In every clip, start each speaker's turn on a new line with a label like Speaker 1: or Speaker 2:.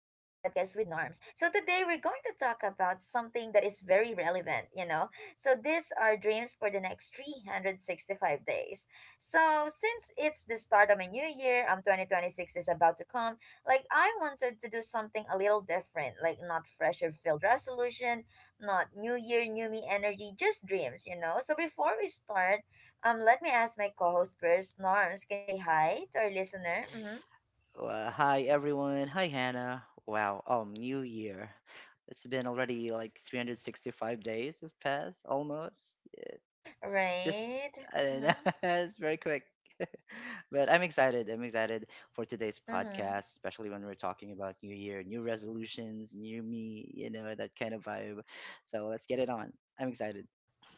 Speaker 1: something that is very relevant. So these are dreams for the next 365 days. So since it's the start of a new year, 2026 is about to come, like I wanted to do something a little different, like not pressure filled resolution, not new year, new me energy, just dreams. So before we start, let me ask my co-host first. Norms, can you say hi to our listener? Mm-hmm.
Speaker 2: Hi everyone. Hi Hannah. Wow. New Year. It's been already like 365 days have passed almost. It's just,
Speaker 1: Right.
Speaker 2: I don't know.
Speaker 1: Mm-hmm.
Speaker 2: It's very quick. But I'm excited. I'm excited for today's
Speaker 1: Mm-hmm.
Speaker 2: podcast, especially when we're talking about New Year, new resolutions, new me. You know, that kind of vibe. So let's get it on. I'm excited.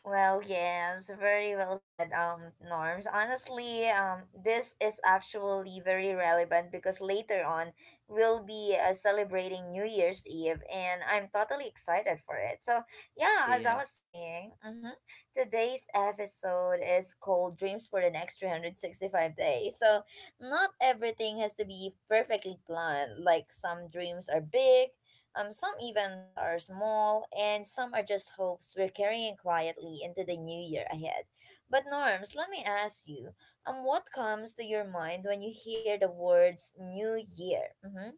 Speaker 1: Well, yes, very well said, Norms. Honestly, this is actually very relevant because later on we'll be celebrating New Year's Eve, and I'm totally excited for it. So, yeah, as I
Speaker 2: Yeah.
Speaker 1: was saying, today's episode is called "Dreams for the Next 365 Days." So, not everything has to be perfectly planned. Like some dreams are big, some events are small, and some are just hopes we're carrying quietly into the new year ahead. But, Norms, let me ask you, what comes to your mind when you hear the words New Year? Mm-hmm.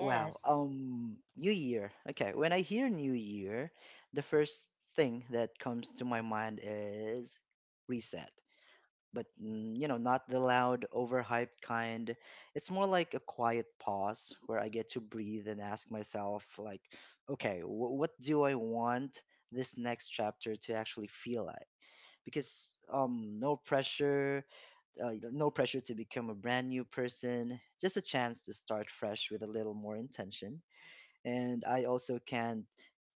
Speaker 2: Wow. New Year. Okay. When I hear New Year, the first thing that comes to my mind is reset. But mm, you know, not the loud, overhyped kind. It's more like a quiet pause where I get to breathe and ask myself, like, okay, what do I want this next chapter to actually feel like? Because no pressure, no pressure to become a brand new person. Just a chance to start fresh with a little more intention, and I also can't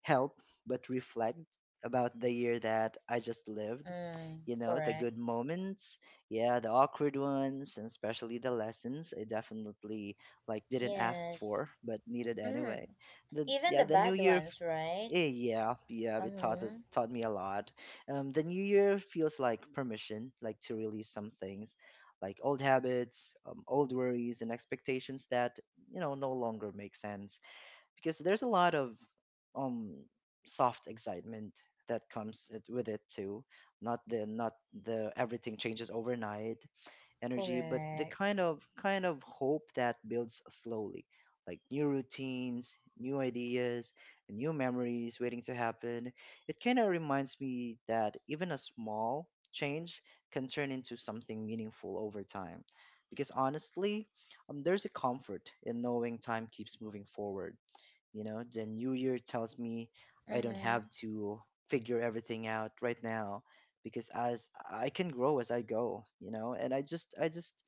Speaker 2: help but reflect about the year that I just lived.
Speaker 1: Mm,
Speaker 2: You know, the
Speaker 1: correct.
Speaker 2: good moments, yeah, the awkward ones, and especially the lessons I definitely, like, didn't ask
Speaker 1: Yes.
Speaker 2: for but needed
Speaker 1: Mm.
Speaker 2: anyway. The
Speaker 1: Even
Speaker 2: yeah,
Speaker 1: the
Speaker 2: the new
Speaker 1: bad
Speaker 2: year,
Speaker 1: ones, right?
Speaker 2: yeah, yeah, it
Speaker 1: Mm-hmm.
Speaker 2: taught me a lot. The new year feels like permission, like to release some things, like old habits, old worries, and expectations that, you know, no longer make sense, because there's a lot of um soft excitement that with it too. Not the everything changes overnight energy, but the
Speaker 1: Correct.
Speaker 2: kind of kind of hope that builds slowly, like new routines, new ideas, and new memories waiting to happen. It kind of reminds me that even a small change can turn into something meaningful over time. Because honestly, there's a comfort in knowing time keeps moving forward. You know, the new year tells me I don't
Speaker 1: Mm-hmm.
Speaker 2: have to figure everything out right now, because as I can grow as I go, you know, and I just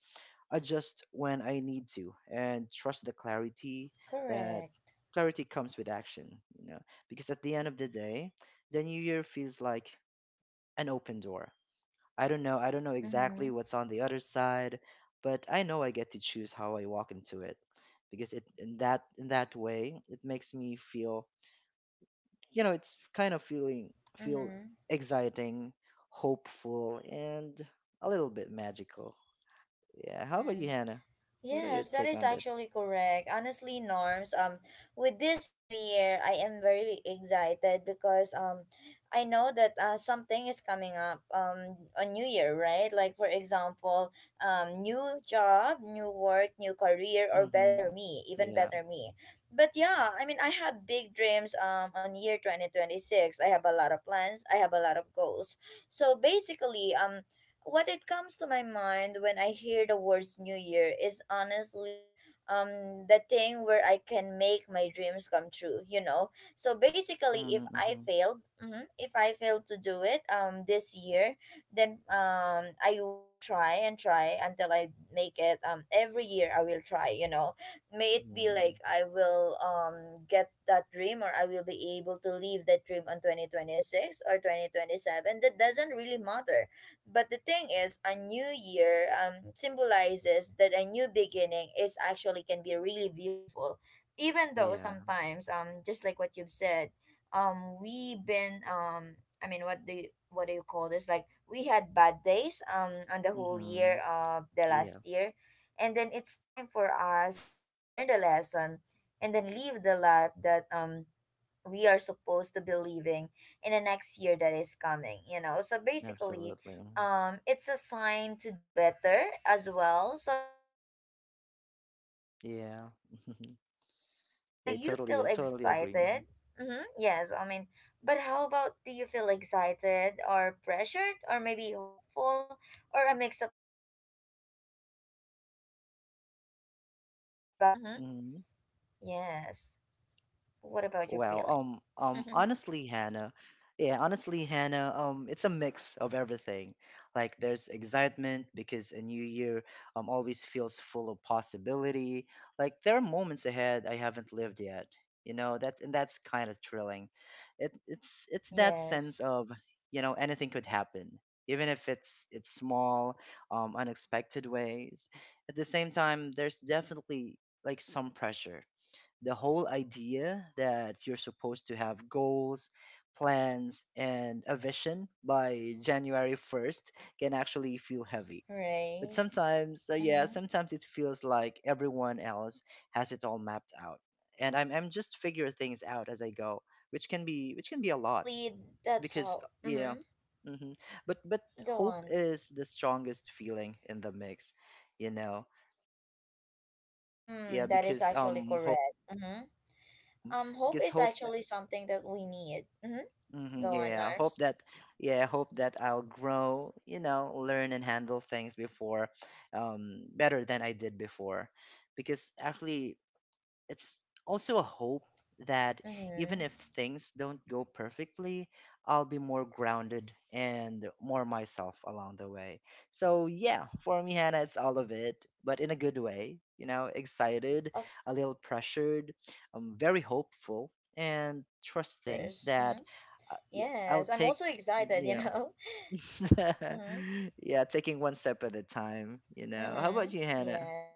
Speaker 2: adjust when I need to and trust the clarity. That
Speaker 1: Correct.
Speaker 2: clarity comes with action, you know, because at the end of the day, the new year feels like an open door. I don't know. I don't know exactly
Speaker 1: Mm-hmm.
Speaker 2: what's on the other side, but I know I get to choose how I walk into it. Because it in that way, it makes me feel, you know, it's kind of feeling feel
Speaker 1: Mm-hmm.
Speaker 2: exciting, hopeful, and a little bit magical. Yeah. How about you,
Speaker 1: Mm.
Speaker 2: Hannah? What are your
Speaker 1: Yes, that
Speaker 2: take
Speaker 1: is
Speaker 2: on this?
Speaker 1: actually correct. Honestly, Norms, with this new year, I am very excited because, I know that, something is coming up on New Year, right? Like for example, new job, new work, new career, or better
Speaker 2: Mm-hmm.
Speaker 1: me, even
Speaker 2: Yeah.
Speaker 1: better me. But yeah, I mean, I have big dreams on year 2026. I have a lot of plans. I have a lot of goals. So basically, what it comes to my mind when I hear the words New Year is honestly the thing where I can make my dreams come true. So basically if
Speaker 2: Mm-hmm,
Speaker 1: I
Speaker 2: mm-hmm.
Speaker 1: failed, mhm, if I fail to do it this year, then I will try and try until I make it. Every year I will try. May it be
Speaker 2: Mm,
Speaker 1: like I will get that dream or I will be able to leave that dream on 2026 or 2027. That doesn't really matter, but the thing is, a new year symbolizes that a new beginning is actually can be really beautiful. Even though
Speaker 2: yeah.
Speaker 1: sometimes just like what you've said, we've been, I mean, what do you call this? Like we had bad days on the whole
Speaker 2: Mm-hmm.
Speaker 1: year of the
Speaker 2: Yeah.
Speaker 1: last year. And then it's time for us to learn the lesson and then live the life that we are supposed to be living in the next year that is coming. So basically,
Speaker 2: Absolutely. Mhm.
Speaker 1: it's a sign to do better as well. So yeah, I think that's it for me, but how
Speaker 2: Yeah.
Speaker 1: about you, Norms? Like, do you feel
Speaker 2: I totally agree. Mm-hmm.
Speaker 1: excited? Mm-hmm. Yes, I mean, but how about, do you feel excited or pressured or maybe hopeful or a mix of everything about this coming a new year. Mm-hmm.
Speaker 2: hmm
Speaker 1: Yes, what about your
Speaker 2: Wow.
Speaker 1: feeling?
Speaker 2: Honestly, Hannah, yeah, honestly, Hannah, it's a mix of everything. Like there's excitement because a new year always feels full of possibility. Like there are moments ahead I haven't lived yet. You know, that, and that's kind of thrilling. It's that
Speaker 1: Yes.
Speaker 2: sense of, you know, anything could happen. Even if it's small, unexpected ways. At the same time, there's definitely like some pressure. The whole idea that you're supposed to have goals, plans, and a vision by January 1st can actually feel heavy. But
Speaker 1: Right.
Speaker 2: sometimes, yeah,
Speaker 1: Mm-hmm.
Speaker 2: sometimes it feels like everyone else has it all mapped out, and I'm just figure things out
Speaker 1: Mm-hmm.
Speaker 2: as I
Speaker 1: Yes,
Speaker 2: go, which
Speaker 1: correct.
Speaker 2: can be which can be a lot.
Speaker 1: Honestly, that's
Speaker 2: Because
Speaker 1: how.
Speaker 2: yeah,
Speaker 1: Mm-hmm.
Speaker 2: hmm but
Speaker 1: Go
Speaker 2: hope
Speaker 1: on.
Speaker 2: is the strongest feeling in the mix, you know, yeah,
Speaker 1: Mm, that is
Speaker 2: because
Speaker 1: actually
Speaker 2: hope,
Speaker 1: correct. Mm-hmm. Hope
Speaker 2: because
Speaker 1: is
Speaker 2: hope,
Speaker 1: actually something that we need. Mm-hmm.
Speaker 2: mm-hmm,
Speaker 1: Go on,
Speaker 2: yeah, hope
Speaker 1: Arms.
Speaker 2: that, yeah, hope that I'll grow, you know, learn and handle things before better than I did before. Because actually, it's also a hope that
Speaker 1: Mm-hmm.
Speaker 2: even if things don't go perfectly, I'll be more grounded and more myself along the way. So, yeah, for me, Hannah, it's all of it, but in a good way. You know, excited,
Speaker 1: Of
Speaker 2: a little
Speaker 1: course. Mm-hmm.
Speaker 2: pressured, very
Speaker 1: Yes,
Speaker 2: hopeful,
Speaker 1: I'm also
Speaker 2: and
Speaker 1: excited.
Speaker 2: trusting that, yeah, I'll
Speaker 1: Mm-hmm.
Speaker 2: take, yeah, yeah, taking one step at a time. You know,
Speaker 1: Mm-hmm.
Speaker 2: how about you, Hannah?
Speaker 1: Yes.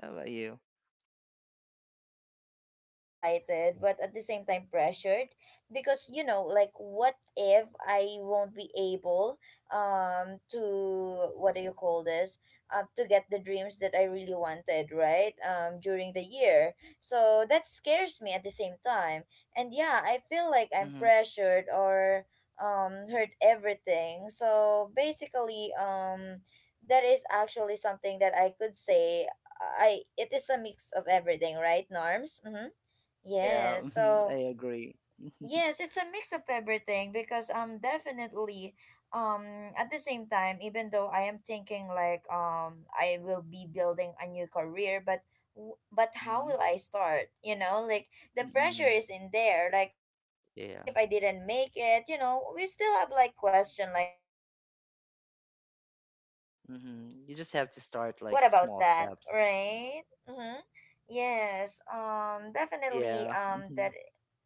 Speaker 2: How about
Speaker 1: Well,
Speaker 2: you?
Speaker 1: honestly, as for me, I really feel excited, but at the same time pressured because, like, what if I won't be able, to what do you call this, to get the dreams that I really wanted, right? During the year, so that scares me at the same time, and yeah, I feel like I'm
Speaker 2: Mm-hmm.
Speaker 1: pressured or hurt everything. So basically, That is actually something that I could say I it is a mix of everything, right, Norms? Mm-hmm.
Speaker 2: Yeah,
Speaker 1: Yeah.
Speaker 2: I
Speaker 1: So,
Speaker 2: agree.
Speaker 1: yes, it's a mix of everything because definitely, um at the same time, even though I am thinking like, I will be building a new career, but how
Speaker 2: Mm-hmm.
Speaker 1: will I start, like the pressure
Speaker 2: Mm-hmm.
Speaker 1: is in there, like what
Speaker 2: Yeah.
Speaker 1: if I didn't make it. We still have like question like that, and we cannot like stop ourselves from questioning
Speaker 2: Mm-hmm. You just
Speaker 1: ourselves,
Speaker 2: have to start
Speaker 1: what
Speaker 2: like
Speaker 1: about
Speaker 2: small
Speaker 1: that,
Speaker 2: steps.
Speaker 1: right? Mm-hmm. Yes, definitely,
Speaker 2: Yeah. Mm-hmm.
Speaker 1: that.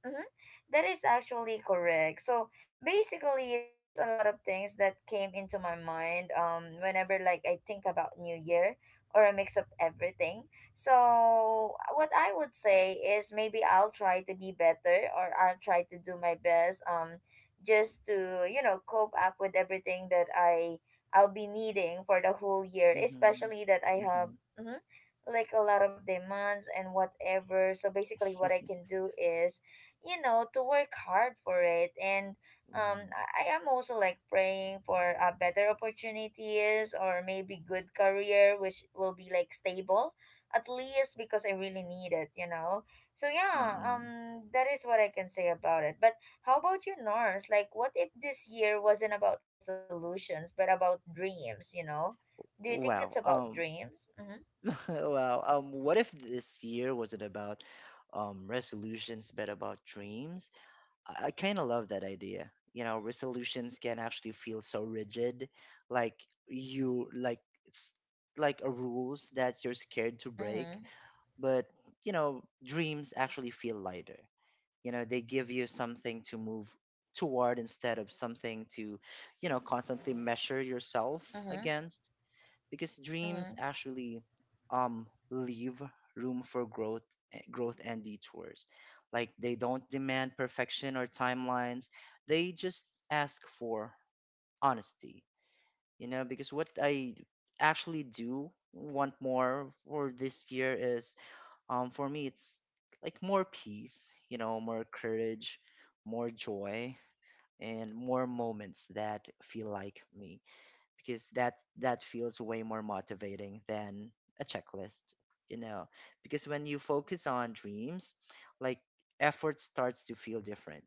Speaker 1: Mhm. That is actually correct. So basically, there's a lot of things that came into my mind whenever like I think about New Year or a mix of everything. So what I would say is maybe I'll try to be better or I'll try to do my best, just to cope up with everything that I'll be needing for the whole year,
Speaker 2: Mm-hmm.
Speaker 1: especially that I have. Mhm, like a lot of demands and whatever. So basically what I
Speaker 2: Mm-hmm.
Speaker 1: can do is, to work hard for it, and I am also like praying for, better opportunities or maybe good career which will be like stable at least because I really need it. So yeah,
Speaker 2: Mm-hmm.
Speaker 1: that is what I can say about it, but how about you, Nars? Like, what if this year wasn't about resolutions but about dreams? Do you think it's
Speaker 2: Wow.
Speaker 1: about dreams? Mm-hmm.
Speaker 2: Wow. What if this year wasn't about resolutions, but about dreams? I kind of love that idea. You know, resolutions can actually feel so rigid, like
Speaker 1: Mm-hmm.
Speaker 2: you like it's
Speaker 1: Yes.
Speaker 2: like a rules that you're scared to
Speaker 1: Mm-hmm.
Speaker 2: break. But, you know, dreams actually feel lighter. You know, they give you something to move toward instead of
Speaker 1: Yeah,
Speaker 2: something
Speaker 1: that is
Speaker 2: to,
Speaker 1: actually
Speaker 2: you know,
Speaker 1: correct.
Speaker 2: constantly
Speaker 1: Mm-hmm.
Speaker 2: measure yourself
Speaker 1: Mm-hmm.
Speaker 2: against. Because dreams
Speaker 1: Mm-hmm.
Speaker 2: actually leave room for growth, growth and detours. Like they don't demand perfection or timelines. They just ask for honesty, you know. Because what I actually do want more for this year is, um, for me, it's like more peace, you know, more courage, more joy, and more moments that feel like me. Because that feels way more motivating than a checklist, you know. Because when you focus on dreams, like, effort starts to feel different.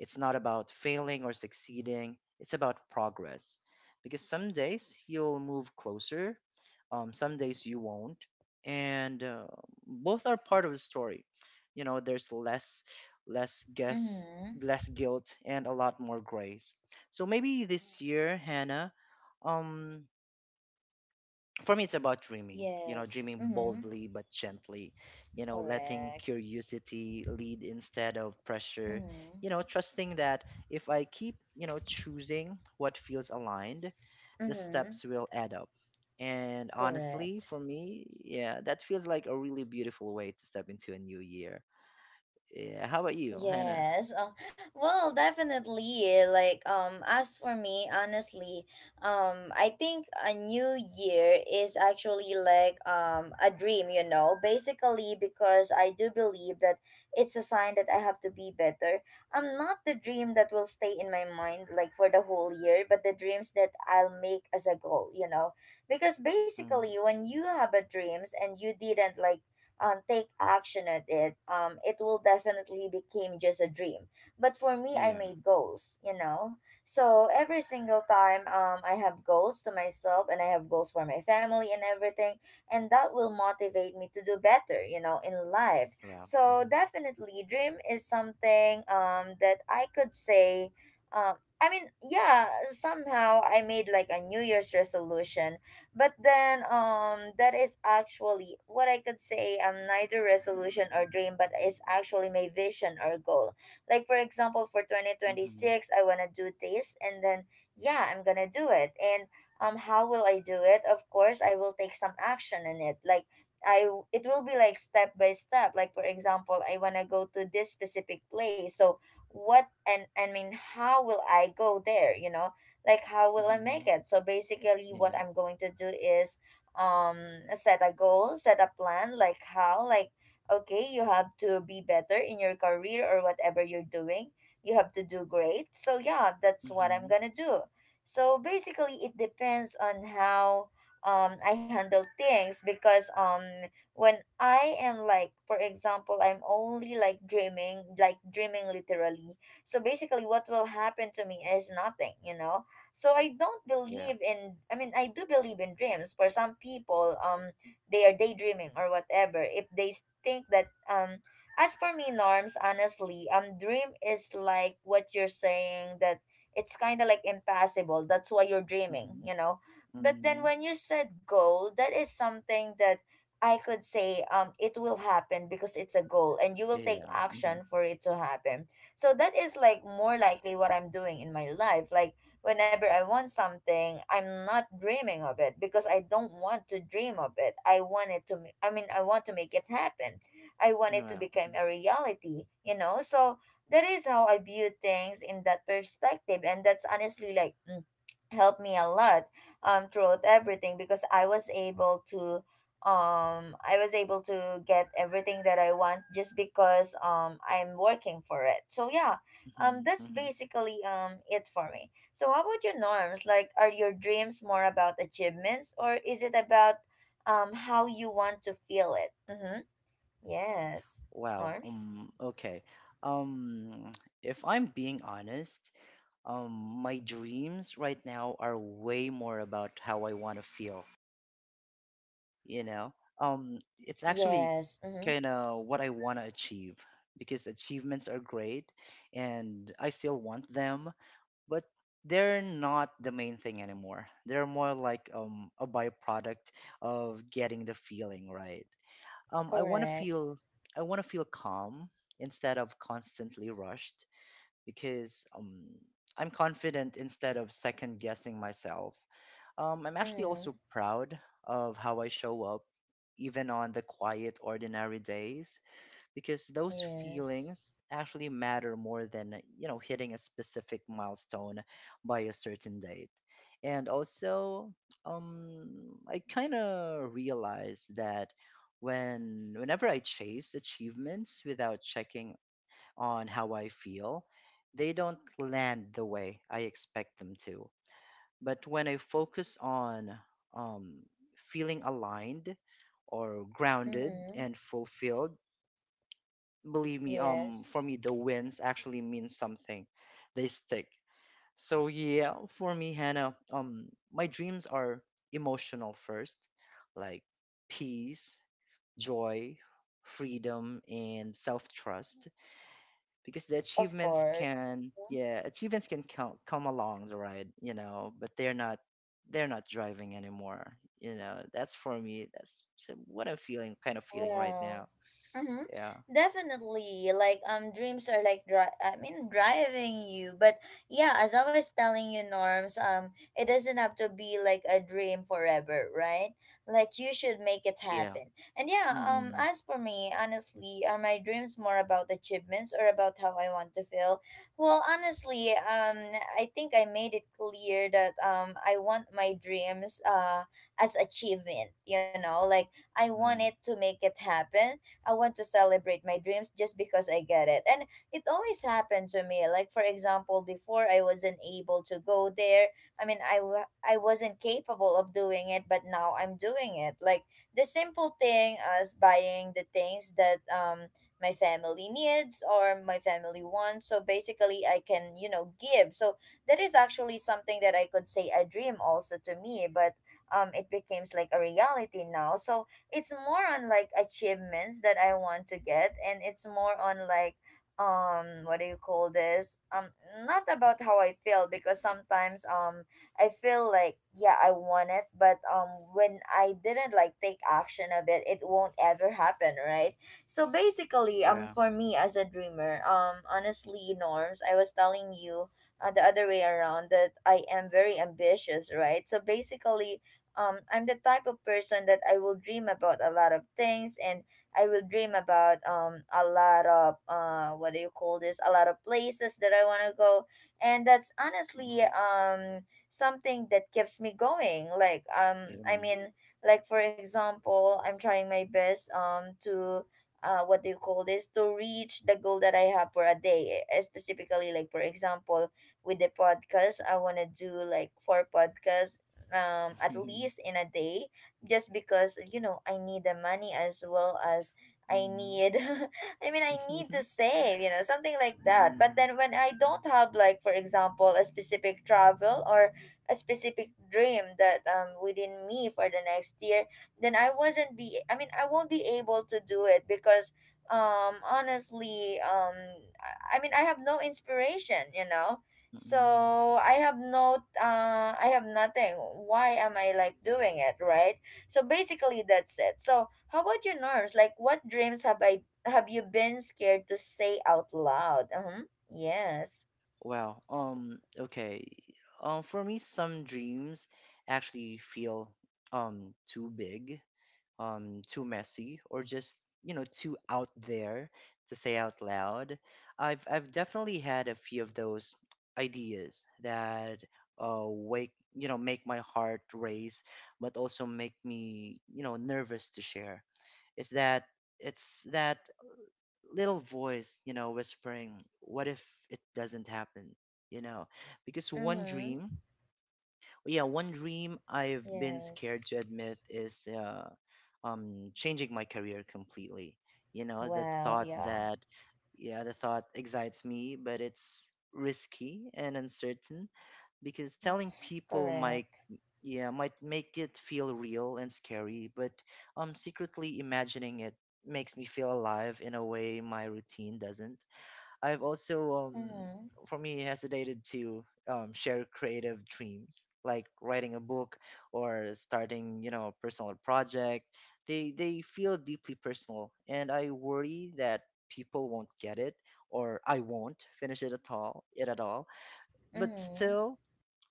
Speaker 2: It's not about failing or succeeding, it's about progress. Because some days you'll move closer, some days you won't, and, both are part of the story. You know, there's less less guess
Speaker 1: Mm-hmm.
Speaker 2: less guilt and a lot more grace. So maybe this year, Hannah, um, for me, it's about dreaming, you know,
Speaker 1: Yes.
Speaker 2: dreaming
Speaker 1: Mm-hmm.
Speaker 2: boldly but gently. You know, letting
Speaker 1: Correct.
Speaker 2: curiosity lead instead of pressure.
Speaker 1: Mm-hmm.
Speaker 2: You know, trusting that if I keep, you know, choosing what feels aligned, the
Speaker 1: Mm-hmm.
Speaker 2: steps will add up. And honestly,
Speaker 1: Correct.
Speaker 2: for me, yeah, that feels like a really beautiful way to step into a new year. Yeah, how about you, Hannah?
Speaker 1: Yes. Well, definitely. Like, as for me, honestly, I think a new year is actually like a dream, basically because I do believe that it's a sign that I have to be better. I'm not the dream that will stay in my mind like for the whole year, but the dreams that I'll make as a goal, because
Speaker 2: Mm,
Speaker 1: basically when you have a dreams and you didn't like, take action at it, it will definitely become just a dream. But for me, I
Speaker 2: yeah.
Speaker 1: made goals. So every single time, I have goals to myself and I have goals for my family and everything, and that will motivate me to do better, in life.
Speaker 2: Well,
Speaker 1: So
Speaker 2: mm-hmm,
Speaker 1: definitely, dream is something that I could say, um, I mean, yeah, somehow I made like a New Year's resolution, but then that is actually what I could say, neither resolution or dream but is actually my vision or goal. Like for example for
Speaker 2: mm-hmm,
Speaker 1: 2026 I want to do this and then, yeah, I'm going to do it. And how will I do it? Of course, I will take some action in it. Like it will be like step by step. Like for example, I want to go to this specific place. So what and I mean, how will I go there, you know? Like how will I make
Speaker 2: mm-hmm,
Speaker 1: it? So basically what
Speaker 2: yeah,
Speaker 1: I'm going to do is, um set a goal, set a plan, like how, like okay, you have to be better in your career or whatever you're doing, you have to do great. So yeah, that's what I'm
Speaker 2: mm-hmm,
Speaker 1: gonna do. So basically it depends on how I handle things because when I am like, for example, I'm only like dreaming literally. So basically, what will happen to me is nothing, you know? So I don't
Speaker 2: yeah,
Speaker 1: believe in, I mean, I do believe in dreams. For some people, they are daydreaming or whatever. If they think that, as for me, Norms, honestly, dream is like what you're saying, that it's kind of like impossible. That's why you're dreaming. But then
Speaker 2: mm-hmm.
Speaker 1: when you said goal, that is something that I could say it will happen because it's a goal and you will take
Speaker 2: Yeah. hmm
Speaker 1: action for it to happen. So that is like more likely what I'm doing in my life. Like whenever I want something, I'm not dreaming of it because I don't want to dream of it. I want it to, I mean, I want to make it happen. I want it to
Speaker 2: Yeah.
Speaker 1: become a reality, you know? So that is how I view things in that perspective. And that's honestly like, helped me a lot throughout everything because I was able to get everything that I want just because, I'm working for it. So yeah,
Speaker 2: hmm
Speaker 1: that's
Speaker 2: hmm
Speaker 1: basically, it for me. So, how about your Norms? Like, are your dreams more about achievements or is it about, how you want to feel it? Mm-hmm. Yes.
Speaker 2: Wow.
Speaker 1: Norms?
Speaker 2: Okay. Um. If I'm being honest, um, my dreams right now are way more about how I want to feel. You know. It's actually
Speaker 1: Yes. Mm-hmm.
Speaker 2: kind of what I want to achieve, because achievements are great, and I still want them, but they're not the main thing anymore. They're more like a byproduct of getting the feeling right. Um, I want to
Speaker 1: Correct.
Speaker 2: feel, I want to feel calm instead of constantly rushed. Because, I'm confident instead of second guessing myself. I'm actually
Speaker 1: Mm-hmm.
Speaker 2: also proud of how I show up, even on the quiet, ordinary days. Because those
Speaker 1: Yes.
Speaker 2: feelings actually matter more than, you know, hitting a specific milestone by a certain date. And also, um I kind of realized that whenever I chase achievements without checking on how I feel, they don't land the way I expect them to. But when I focus on, um, feeling aligned or grounded
Speaker 1: Mm-hmm.
Speaker 2: and fulfilled, believe me, for
Speaker 1: Yes.
Speaker 2: me, the wins actually mean something. They stick. So yeah, for me, Hannah, my dreams are emotional first, like peace, joy, freedom, and self-trust. Because the
Speaker 1: Of
Speaker 2: achievements
Speaker 1: course.
Speaker 2: can, yeah, achievements can come along the ride, you know, but they're not driving anymore. You know, that's for me. That's what I'm feeling, kind of feeling right now.
Speaker 1: Well. Mm-hmm.
Speaker 2: Yeah,
Speaker 1: Definitely. Like dreams are like I mean driving you. But yeah, as I was telling you Norms, it doesn't have to be like a dream forever, right? Like you should make it
Speaker 2: yeah.
Speaker 1: happen. And yeah,
Speaker 2: Mm-mm.
Speaker 1: as for me, honestly, are my dreams more about achievements or about how I want to feel? Well, honestly, I think I made it clear that I want my dreams as achievement, you know, like I wanted to make it happen. I want to celebrate my dreams just because I get it. And it always happened to me. Like, for example, before I wasn't able to go there. I mean, I wasn't capable of doing it, but now I'm doing it. Like, the simple thing as buying the things that my family needs or my family wants. So basically, I can, you know, give. So that is actually something that I could say a dream also to me, but it becomes like a reality now. So it's more on like achievements that I want to get and it's more on like what do you call this? Not about how I feel because sometimes I feel like yeah, I want it, but when I didn't like take action of it, it won't ever happen, right? So basically,
Speaker 2: Yeah.
Speaker 1: for me as a dreamer, honestly, Norms, I was telling you the other way around, that I am very ambitious, right? So basically, I'm the type of person that I will dream about a lot of things and I will dream about a lot of what do you call this? A lot of places that I want to go. And that's honestly
Speaker 2: Mm-mm.
Speaker 1: something that keeps me going. Like, I
Speaker 2: Mm.
Speaker 1: mean, like for example, I'm trying my best to what do you call this, to reach the goal that I have for a day, eh? Specifically, like for example, with the podcast, I want to do like four podcasts at least in a day, just because, you know, I need the money as well as
Speaker 2: Mhm.
Speaker 1: I
Speaker 2: Mhm.
Speaker 1: need I mean, I need to
Speaker 2: Mm-mm.
Speaker 1: save, you know, something like that. But
Speaker 2: Mm.
Speaker 1: then, when I don't have like for example a specific travel or a specific dream that within me for the next year, then I mean, I won't be able to do it because honestly, I mean, I have no inspiration, you know.
Speaker 2: Mm-mm.
Speaker 1: So I have no I have nothing. Why am I like doing it, right? So basically, that's it. So how about your Norms, like what dreams have I have you been scared to say out loud? Uh-huh. Yes.
Speaker 2: Well, okay. For me, some dreams actually feel, um, too big, too messy, or just, you know, too out there to say out loud. I've definitely had a few of those ideas that, wake you know, make my heart race, but also make me, you know, nervous to share. Is that it's that little voice, you know, whispering, "What if it doesn't happen?" You know, because one
Speaker 1: Mm-hmm.
Speaker 2: dream, yeah, one dream I've been scared
Speaker 1: Yes.
Speaker 2: to admit is, changing my career completely. You know, the
Speaker 1: Well,
Speaker 2: thought
Speaker 1: yeah.
Speaker 2: that, yeah, the thought excites me, but it's risky and uncertain. Because
Speaker 1: Mm-hmm.
Speaker 2: telling people might,
Speaker 1: Correct.
Speaker 2: yeah, might make it feel real and scary. But, secretly imagining it makes me feel alive in a way my routine doesn't. I've also,
Speaker 1: Mm-hmm.
Speaker 2: for me, hesitated to, share creative dreams, like writing a book or starting, you know, a personal project. They feel deeply personal, and I worry that people won't get it or I won't finish it at all. But
Speaker 1: Mm-hmm.
Speaker 2: still,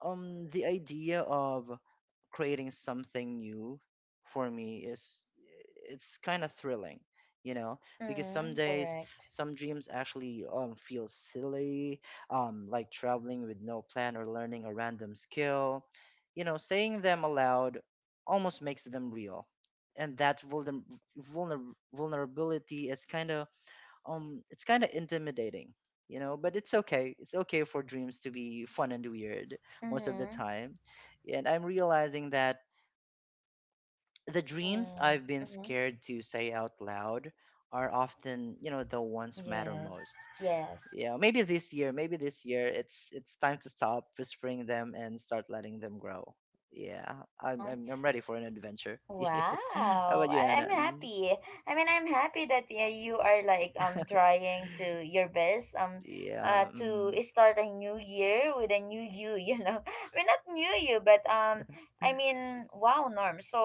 Speaker 2: the idea of creating something new for me is it's kind of thrilling you know because some
Speaker 1: Mm-hmm.
Speaker 2: days
Speaker 1: Correct.
Speaker 2: some dreams actually feel silly, like traveling with no plan or learning a random skill. You know, saying them aloud almost makes them real. And that vulnerability is kind of, it's kind of intimidating, you know. But it's okay, it's okay for dreams to be fun and weird most of the
Speaker 1: Mm-hmm.
Speaker 2: time. And I'm realizing that the dreams
Speaker 1: Mm-hmm.
Speaker 2: I've been
Speaker 1: Mm-hmm.
Speaker 2: scared to say out loud are often, you know, the ones matter
Speaker 1: Yes.
Speaker 2: most.
Speaker 1: Yes.
Speaker 2: Yeah, maybe this year it's time to stop whispering them and start letting them grow. Yeah,
Speaker 1: Um,
Speaker 2: I'm ready for an adventure. How
Speaker 1: Wow,
Speaker 2: about you, Anna?
Speaker 1: I'm happy. I mean, I'm happy that yeah, you are like
Speaker 2: Mm.
Speaker 1: trying to your best
Speaker 2: Yeah,
Speaker 1: to
Speaker 2: mm.
Speaker 1: start a new year with a new you, you know. I mean, not new you, but I mean, wow, Norm. So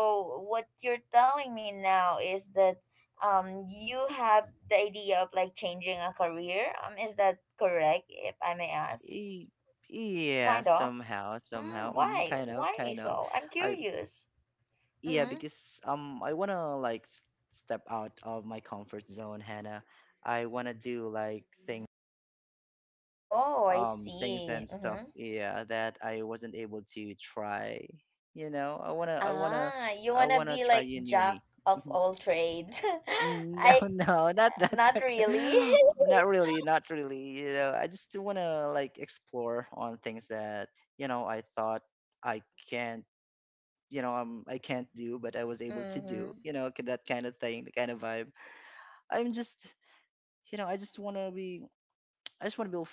Speaker 1: what you're telling me now is that you have the idea of like changing a career. Is that correct, if I may ask?
Speaker 2: Y- Yeah,
Speaker 1: Kind of.
Speaker 2: somehow,
Speaker 1: Mm,
Speaker 2: mm,
Speaker 1: why? Why
Speaker 2: kind of.
Speaker 1: so? I'm
Speaker 2: I
Speaker 1: curious.
Speaker 2: Yeah,
Speaker 1: Mm-hmm.
Speaker 2: because I wanna like step out of my comfort zone, Hannah. I wanna do like things,
Speaker 1: Oh, I
Speaker 2: things
Speaker 1: see.
Speaker 2: and stuff.
Speaker 1: Mm-hmm.
Speaker 2: Yeah, that I wasn't able to try. You know,
Speaker 1: Ah, you
Speaker 2: I
Speaker 1: wanna
Speaker 2: wanna
Speaker 1: be
Speaker 2: try
Speaker 1: like
Speaker 2: you knew
Speaker 1: jack
Speaker 2: me.
Speaker 1: of all trades.
Speaker 2: No,
Speaker 1: I
Speaker 2: no, not that.
Speaker 1: not really.
Speaker 2: Not really, not really. You know, I just want to like explore on things that, you know, I thought I can't, you know, I can't do, but I was able to
Speaker 1: Mm-hmm.
Speaker 2: do, you know, that kind of thing, the kind of vibe. I'm just, you know, I just want to be,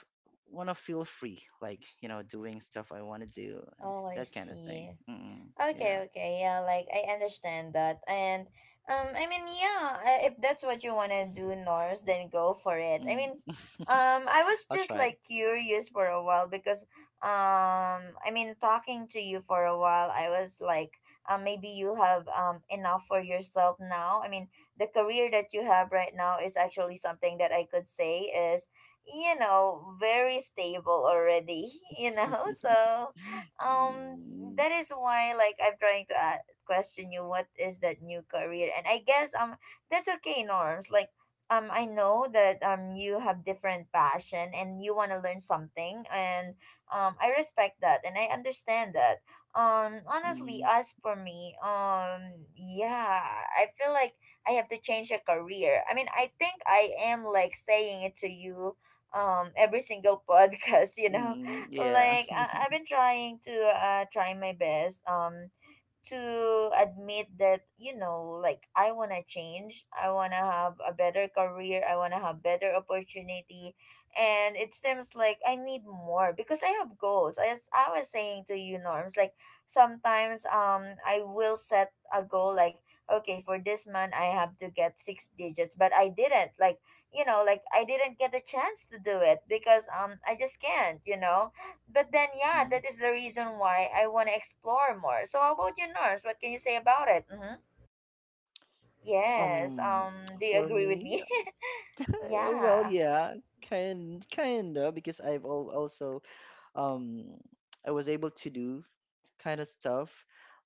Speaker 2: want to feel free, like, you know, doing stuff I want to do,
Speaker 1: Oh, I
Speaker 2: that kind of
Speaker 1: see.
Speaker 2: thing. Mm, yeah.
Speaker 1: Okay, okay, yeah, like I understand that, and I mean, yeah, if that's what you wanna do, Norms, then go for it. I
Speaker 2: Mm.
Speaker 1: mean, I was
Speaker 2: I'll
Speaker 1: just
Speaker 2: try.
Speaker 1: like curious for a while because, I mean, talking to you for a while, I was like, maybe you have enough for yourself now. I mean, the career that you have right now is actually something that I could say is, you know, very stable already. You know, so um
Speaker 2: Mm,
Speaker 1: that is why like I'm trying to question you what is that new career, and I guess that's okay, Norms, like I know that you have different passion and you want to learn something, and I respect that and I understand that. Honestly,
Speaker 2: mm.
Speaker 1: as for me, yeah, I feel like I have to change a career. I mean, I think I am like saying it to you every single podcast, you know.
Speaker 2: Mm, yeah.
Speaker 1: Like I I've been trying to try my best to admit that, you know, like I want to change, I want to have a better career, I want to have better opportunity, and it seems like I need more because I have goals, as I was saying to you, Norms. Like sometimes I will set a goal like, okay, for this month I have to get six digits, but I didn't, like, you know, like I didn't get the chance to do it because I just can't, you know. But then yeah,
Speaker 2: Mhm.
Speaker 1: that is the reason why I want to explore more. So how about you, Nurse? What can you say about it? Mm-hmm. Yes.
Speaker 2: Um,
Speaker 1: Do you
Speaker 2: for
Speaker 1: agree with
Speaker 2: me,
Speaker 1: me?
Speaker 2: well,
Speaker 1: Yeah.
Speaker 2: yeah, kind of because I've al also, um I was able to do kind of stuff,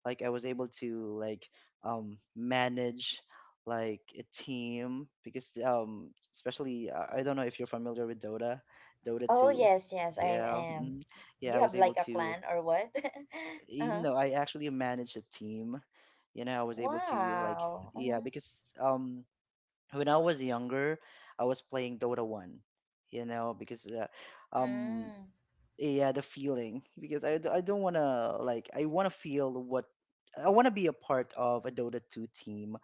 Speaker 2: like I was able to like, manage like a team. Because especially, I don't know if you're familiar with Dota, Dota
Speaker 1: Oh
Speaker 2: 2.
Speaker 1: yes, yes, I
Speaker 2: Yeah,
Speaker 1: am.
Speaker 2: mhm. Yeah,
Speaker 1: You
Speaker 2: I was
Speaker 1: have
Speaker 2: able
Speaker 1: like a
Speaker 2: to,
Speaker 1: clan or what?
Speaker 2: you
Speaker 1: Uh-huh.
Speaker 2: know, I actually managed a team. You know, I was able to like,
Speaker 1: Wow.
Speaker 2: yeah,
Speaker 1: Mm-hmm.
Speaker 2: because when I was younger I was playing Dota 1, you know. Because um
Speaker 1: Mm,
Speaker 2: yeah, the feeling, because I don't want to like, I want to feel what I want to be a part of a Dota 2 team,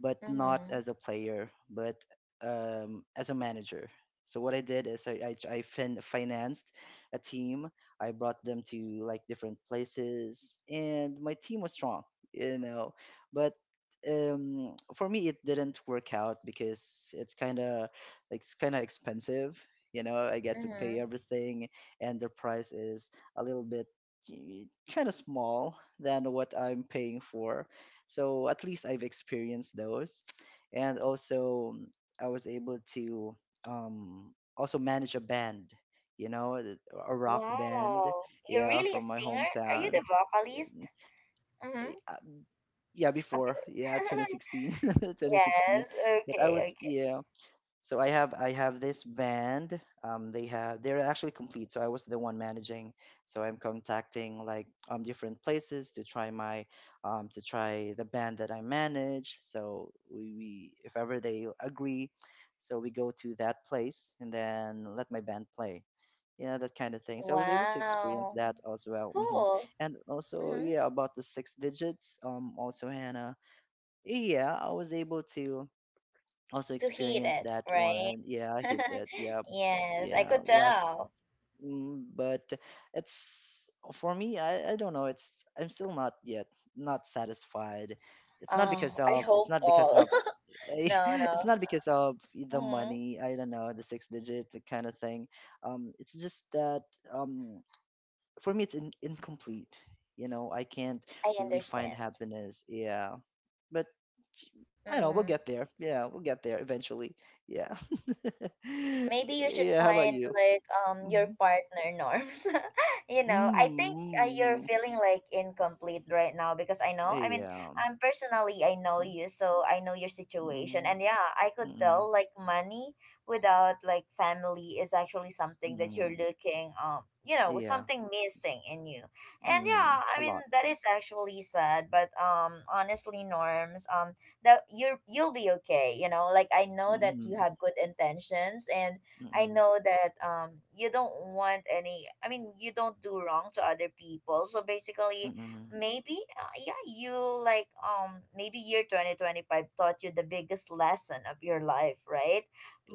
Speaker 2: but not
Speaker 1: mm-hmm.
Speaker 2: as a player but as a manager. So what I did is I financed a team, I brought them to like different places and my team was strong, you know. But for me it didn't work out because it's kind of like it's kind of expensive, you know, I get to pay
Speaker 1: Mm-hmm.
Speaker 2: everything and the price is a little bit kind of small than what I'm paying for. So at least I've experienced those. And also mm, I was able to, also manage a band, you know, a rock band,
Speaker 1: Wow. You're
Speaker 2: yeah,
Speaker 1: really a
Speaker 2: from my
Speaker 1: singer? Are you
Speaker 2: hometown.
Speaker 1: the vocalist?
Speaker 2: And,
Speaker 1: Mm-hmm.
Speaker 2: uh, yeah, before, yeah, 2016,
Speaker 1: Yes.
Speaker 2: 2016. But I
Speaker 1: Okay.
Speaker 2: was,
Speaker 1: Okay.
Speaker 2: yeah, so I have this band. They're actually complete. So I was the one managing. So I'm contacting like different places to try my, to try the band that I manage. So we if ever they agree, so we go to that place and then let my band play. You know, that kind of thing. So I was able to experience
Speaker 1: Wow.
Speaker 2: that as well. Hmm.
Speaker 1: Cool.
Speaker 2: And also
Speaker 1: Mm-hmm.
Speaker 2: yeah, about the six digits. Um, also Hannah. Yeah, I was able to also
Speaker 1: To heat
Speaker 2: experienced
Speaker 1: it,
Speaker 2: that
Speaker 1: right?
Speaker 2: one. Yeah, I hit that. Yeah,
Speaker 1: Yes, I
Speaker 2: yeah.
Speaker 1: could
Speaker 2: Last,
Speaker 1: tell.
Speaker 2: mm, but it's for me. I don't know. It's I'm still not yet not satisfied. It's not because
Speaker 1: Oh, I
Speaker 2: of it's
Speaker 1: hope
Speaker 2: not because
Speaker 1: all.
Speaker 2: of I,
Speaker 1: No,
Speaker 2: it's
Speaker 1: no.
Speaker 2: not because of the
Speaker 1: Hmm.
Speaker 2: money. I don't know, the six digit kind of thing. It's just that um for me it's incomplete, you know, I can't
Speaker 1: I
Speaker 2: really find
Speaker 1: understand.
Speaker 2: happiness. Yeah, but I know we'll
Speaker 1: Hmm.
Speaker 2: get there. Yeah, we'll get there eventually. Yeah.
Speaker 1: Maybe you should
Speaker 2: Yeah, how about
Speaker 1: find
Speaker 2: you?
Speaker 1: like your
Speaker 2: Mm,
Speaker 1: partner, Norms. You know, I think you're
Speaker 2: mm,
Speaker 1: feeling like incomplete right now because I know. I mean,
Speaker 2: yeah.
Speaker 1: I'm personally, I know
Speaker 2: Mhm.
Speaker 1: you, so I know your
Speaker 2: Mm,
Speaker 1: situation, and yeah, I could
Speaker 2: mm,
Speaker 1: tell like money without like family is actually something that you're
Speaker 2: mm,
Speaker 1: looking, you know,
Speaker 2: yeah.
Speaker 1: something missing in you. And
Speaker 2: Mm,
Speaker 1: yeah, I
Speaker 2: a
Speaker 1: mean
Speaker 2: lot.
Speaker 1: that is actually sad, but honestly, Norms, that you're, you'll be okay, you know. Like I know that you
Speaker 2: Mm,
Speaker 1: have good intentions, and I
Speaker 2: mm,
Speaker 1: know that you don't want any, I mean, you don't do wrong to other people. So basically,
Speaker 2: mm,
Speaker 1: maybe yeah, you, like maybe year 2025 taught you the biggest lesson of your life, right?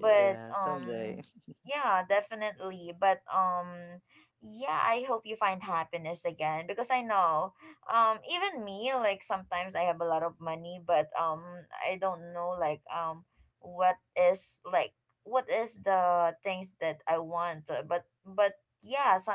Speaker 1: But
Speaker 2: someday.
Speaker 1: yeah, definitely. But yeah, I hope you find happiness again, because I know even me, like sometimes I have a lot of money, but I don't know, like what is like what is the things that I want, but yeah, so,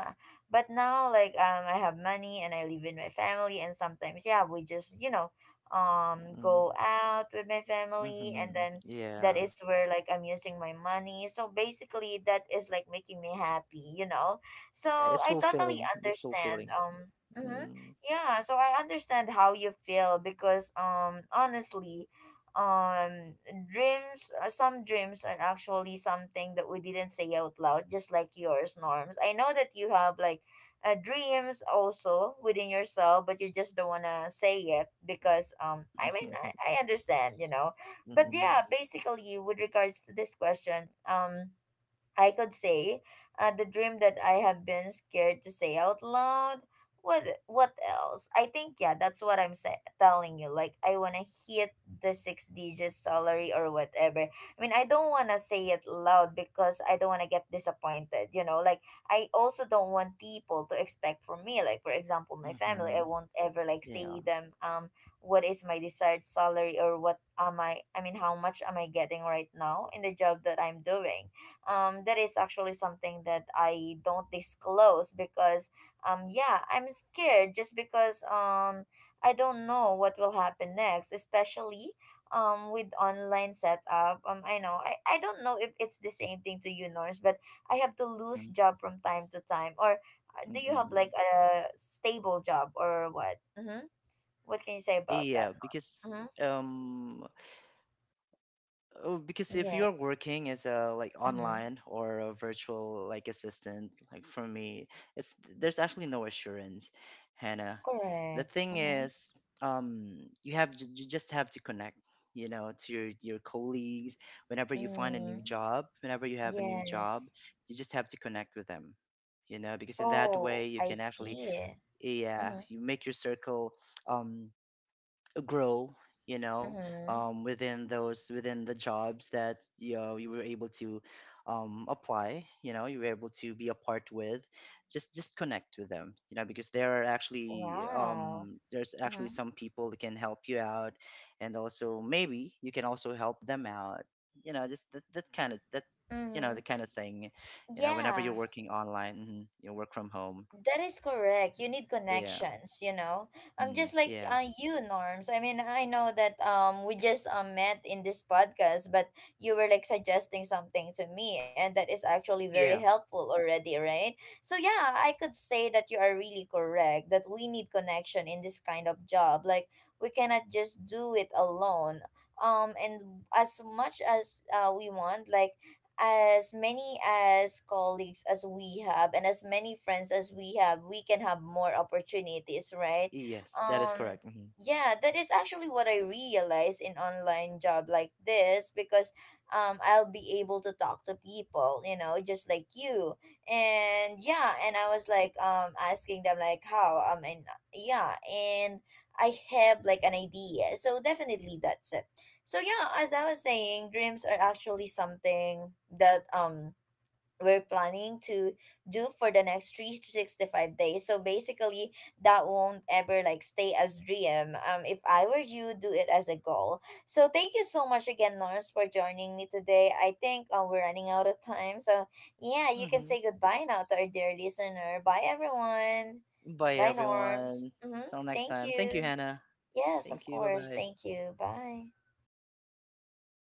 Speaker 1: but now like I have money and I live with my family, and sometimes yeah, we just, you know,
Speaker 2: Mm-hmm.
Speaker 1: go out with my family, and
Speaker 2: Mm-hmm.
Speaker 1: then that
Speaker 2: Yeah.
Speaker 1: is where like I'm using my money. So basically, that is like making me happy, you know. So
Speaker 2: Yeah, it's
Speaker 1: I totally
Speaker 2: fulfilling, it's
Speaker 1: understand.
Speaker 2: fulfilling.
Speaker 1: Mhm.
Speaker 2: Mm.
Speaker 1: Yeah, so I understand how you feel, because honestly, um dreams, some dreams are actually something that we didn't say out loud, just like yours, Norms. I know that you have like dreams also within yourself, but you just don't want to say it because I mean,
Speaker 2: Mm-mm.
Speaker 1: I understand, you know. But
Speaker 2: Mm-mm.
Speaker 1: yeah, basically, with regards to this question, I could say, the dream that I have been scared to say out loud. What else? I think yeah, that's what I'm telling you. Like I wanna hit the six digit salary or whatever. I mean, I don't wanna say it loud because I don't wanna get disappointed. You know, like I also don't want people to expect from me. Like for example, my family, I
Speaker 2: Mhm.
Speaker 1: won't ever like
Speaker 2: Yeah.
Speaker 1: say them what is my desired salary or what am I. I mean, how much am I getting right now in the job that I'm doing, that is actually something that I don't disclose because yeah, I'm scared, just because I don't know what will happen next, especially with online setup. I know, I don't know if it's the same thing to you, Norse, but I have to lose
Speaker 2: Mm.
Speaker 1: job from time to time, or do you have like
Speaker 2: Mm-mm.
Speaker 1: a stable job or what? Mm-hmm. What can you say about that,
Speaker 2: Yeah,
Speaker 1: Norse?
Speaker 2: because
Speaker 1: Mm-hmm.
Speaker 2: um oh, because if you're
Speaker 1: Yes.
Speaker 2: working as a like
Speaker 1: Mm-hmm.
Speaker 2: online or a virtual like assistant, like for me, it's there's actually no assurance, Hannah. The
Speaker 1: Correct.
Speaker 2: thing
Speaker 1: Mm-hmm.
Speaker 2: is, um you have you just have to connect, you know, to your colleagues whenever you find a new
Speaker 1: Mm.
Speaker 2: job, whenever you have a new job,
Speaker 1: Yes.
Speaker 2: you just have to connect with them. You know, because in that
Speaker 1: Oh,
Speaker 2: way you
Speaker 1: I
Speaker 2: can actually,
Speaker 1: see.
Speaker 2: yeah,
Speaker 1: Mm-hmm.
Speaker 2: you make your circle, um grow, you know.
Speaker 1: Mm-hmm.
Speaker 2: Um, within those within the jobs that you know you were able to, apply, you know, you were able to be a part with, just connect with them, you know. Because there are actually
Speaker 1: Wow.
Speaker 2: there's actually
Speaker 1: Mm-hmm.
Speaker 2: some people that can help you out, and also maybe you can also help them out. You know, that kind of that, you know,
Speaker 1: Mm-hmm.
Speaker 2: the kind of thing, you know, whenever you're
Speaker 1: Yeah.
Speaker 2: working online, mhm, you work from home.
Speaker 1: That is correct. You need
Speaker 2: Yeah.
Speaker 1: connections, you know. I'm
Speaker 2: Mm,
Speaker 1: just like
Speaker 2: yeah.
Speaker 1: you, Norms. I mean, I know that we just met in this podcast, but you were like suggesting something to me, and that is actually very
Speaker 2: Yeah.
Speaker 1: helpful already, right? So yeah, I could say that you are really correct that we need connection in this kind of job. Like we cannot just do it alone. And as much as we want, like as many as colleagues as we have and as many friends as we have, we can have more opportunities, right?
Speaker 2: Yes, that is
Speaker 1: um
Speaker 2: correct. Hmm.
Speaker 1: yeah, that is actually what I realize in online job like this, because I'll be able to talk to people, you know, just like you. And yeah, and I was like asking them like how, and yeah, and I have like an idea, so definitely that's it. So yeah, as I was saying, dreams are actually something that we're planning to do for the next three to sixty five days. So basically, that won't ever like stay as dream. If I were you, do it as a goal. So thank you so much again, Norse, for joining me today. I think we're running out of time. So yeah, you can
Speaker 2: Hmm.
Speaker 1: say goodbye now to our dear listener. Bye everyone.
Speaker 2: Bye,
Speaker 1: Bye, Norms.
Speaker 2: everyone.
Speaker 1: Mhm.
Speaker 2: Till next
Speaker 1: Thank
Speaker 2: time. Thank you,
Speaker 1: you.
Speaker 2: Hannah.
Speaker 1: Yes, of
Speaker 2: Thank you. Bye
Speaker 1: course.
Speaker 2: bye.
Speaker 1: Thank you. Bye.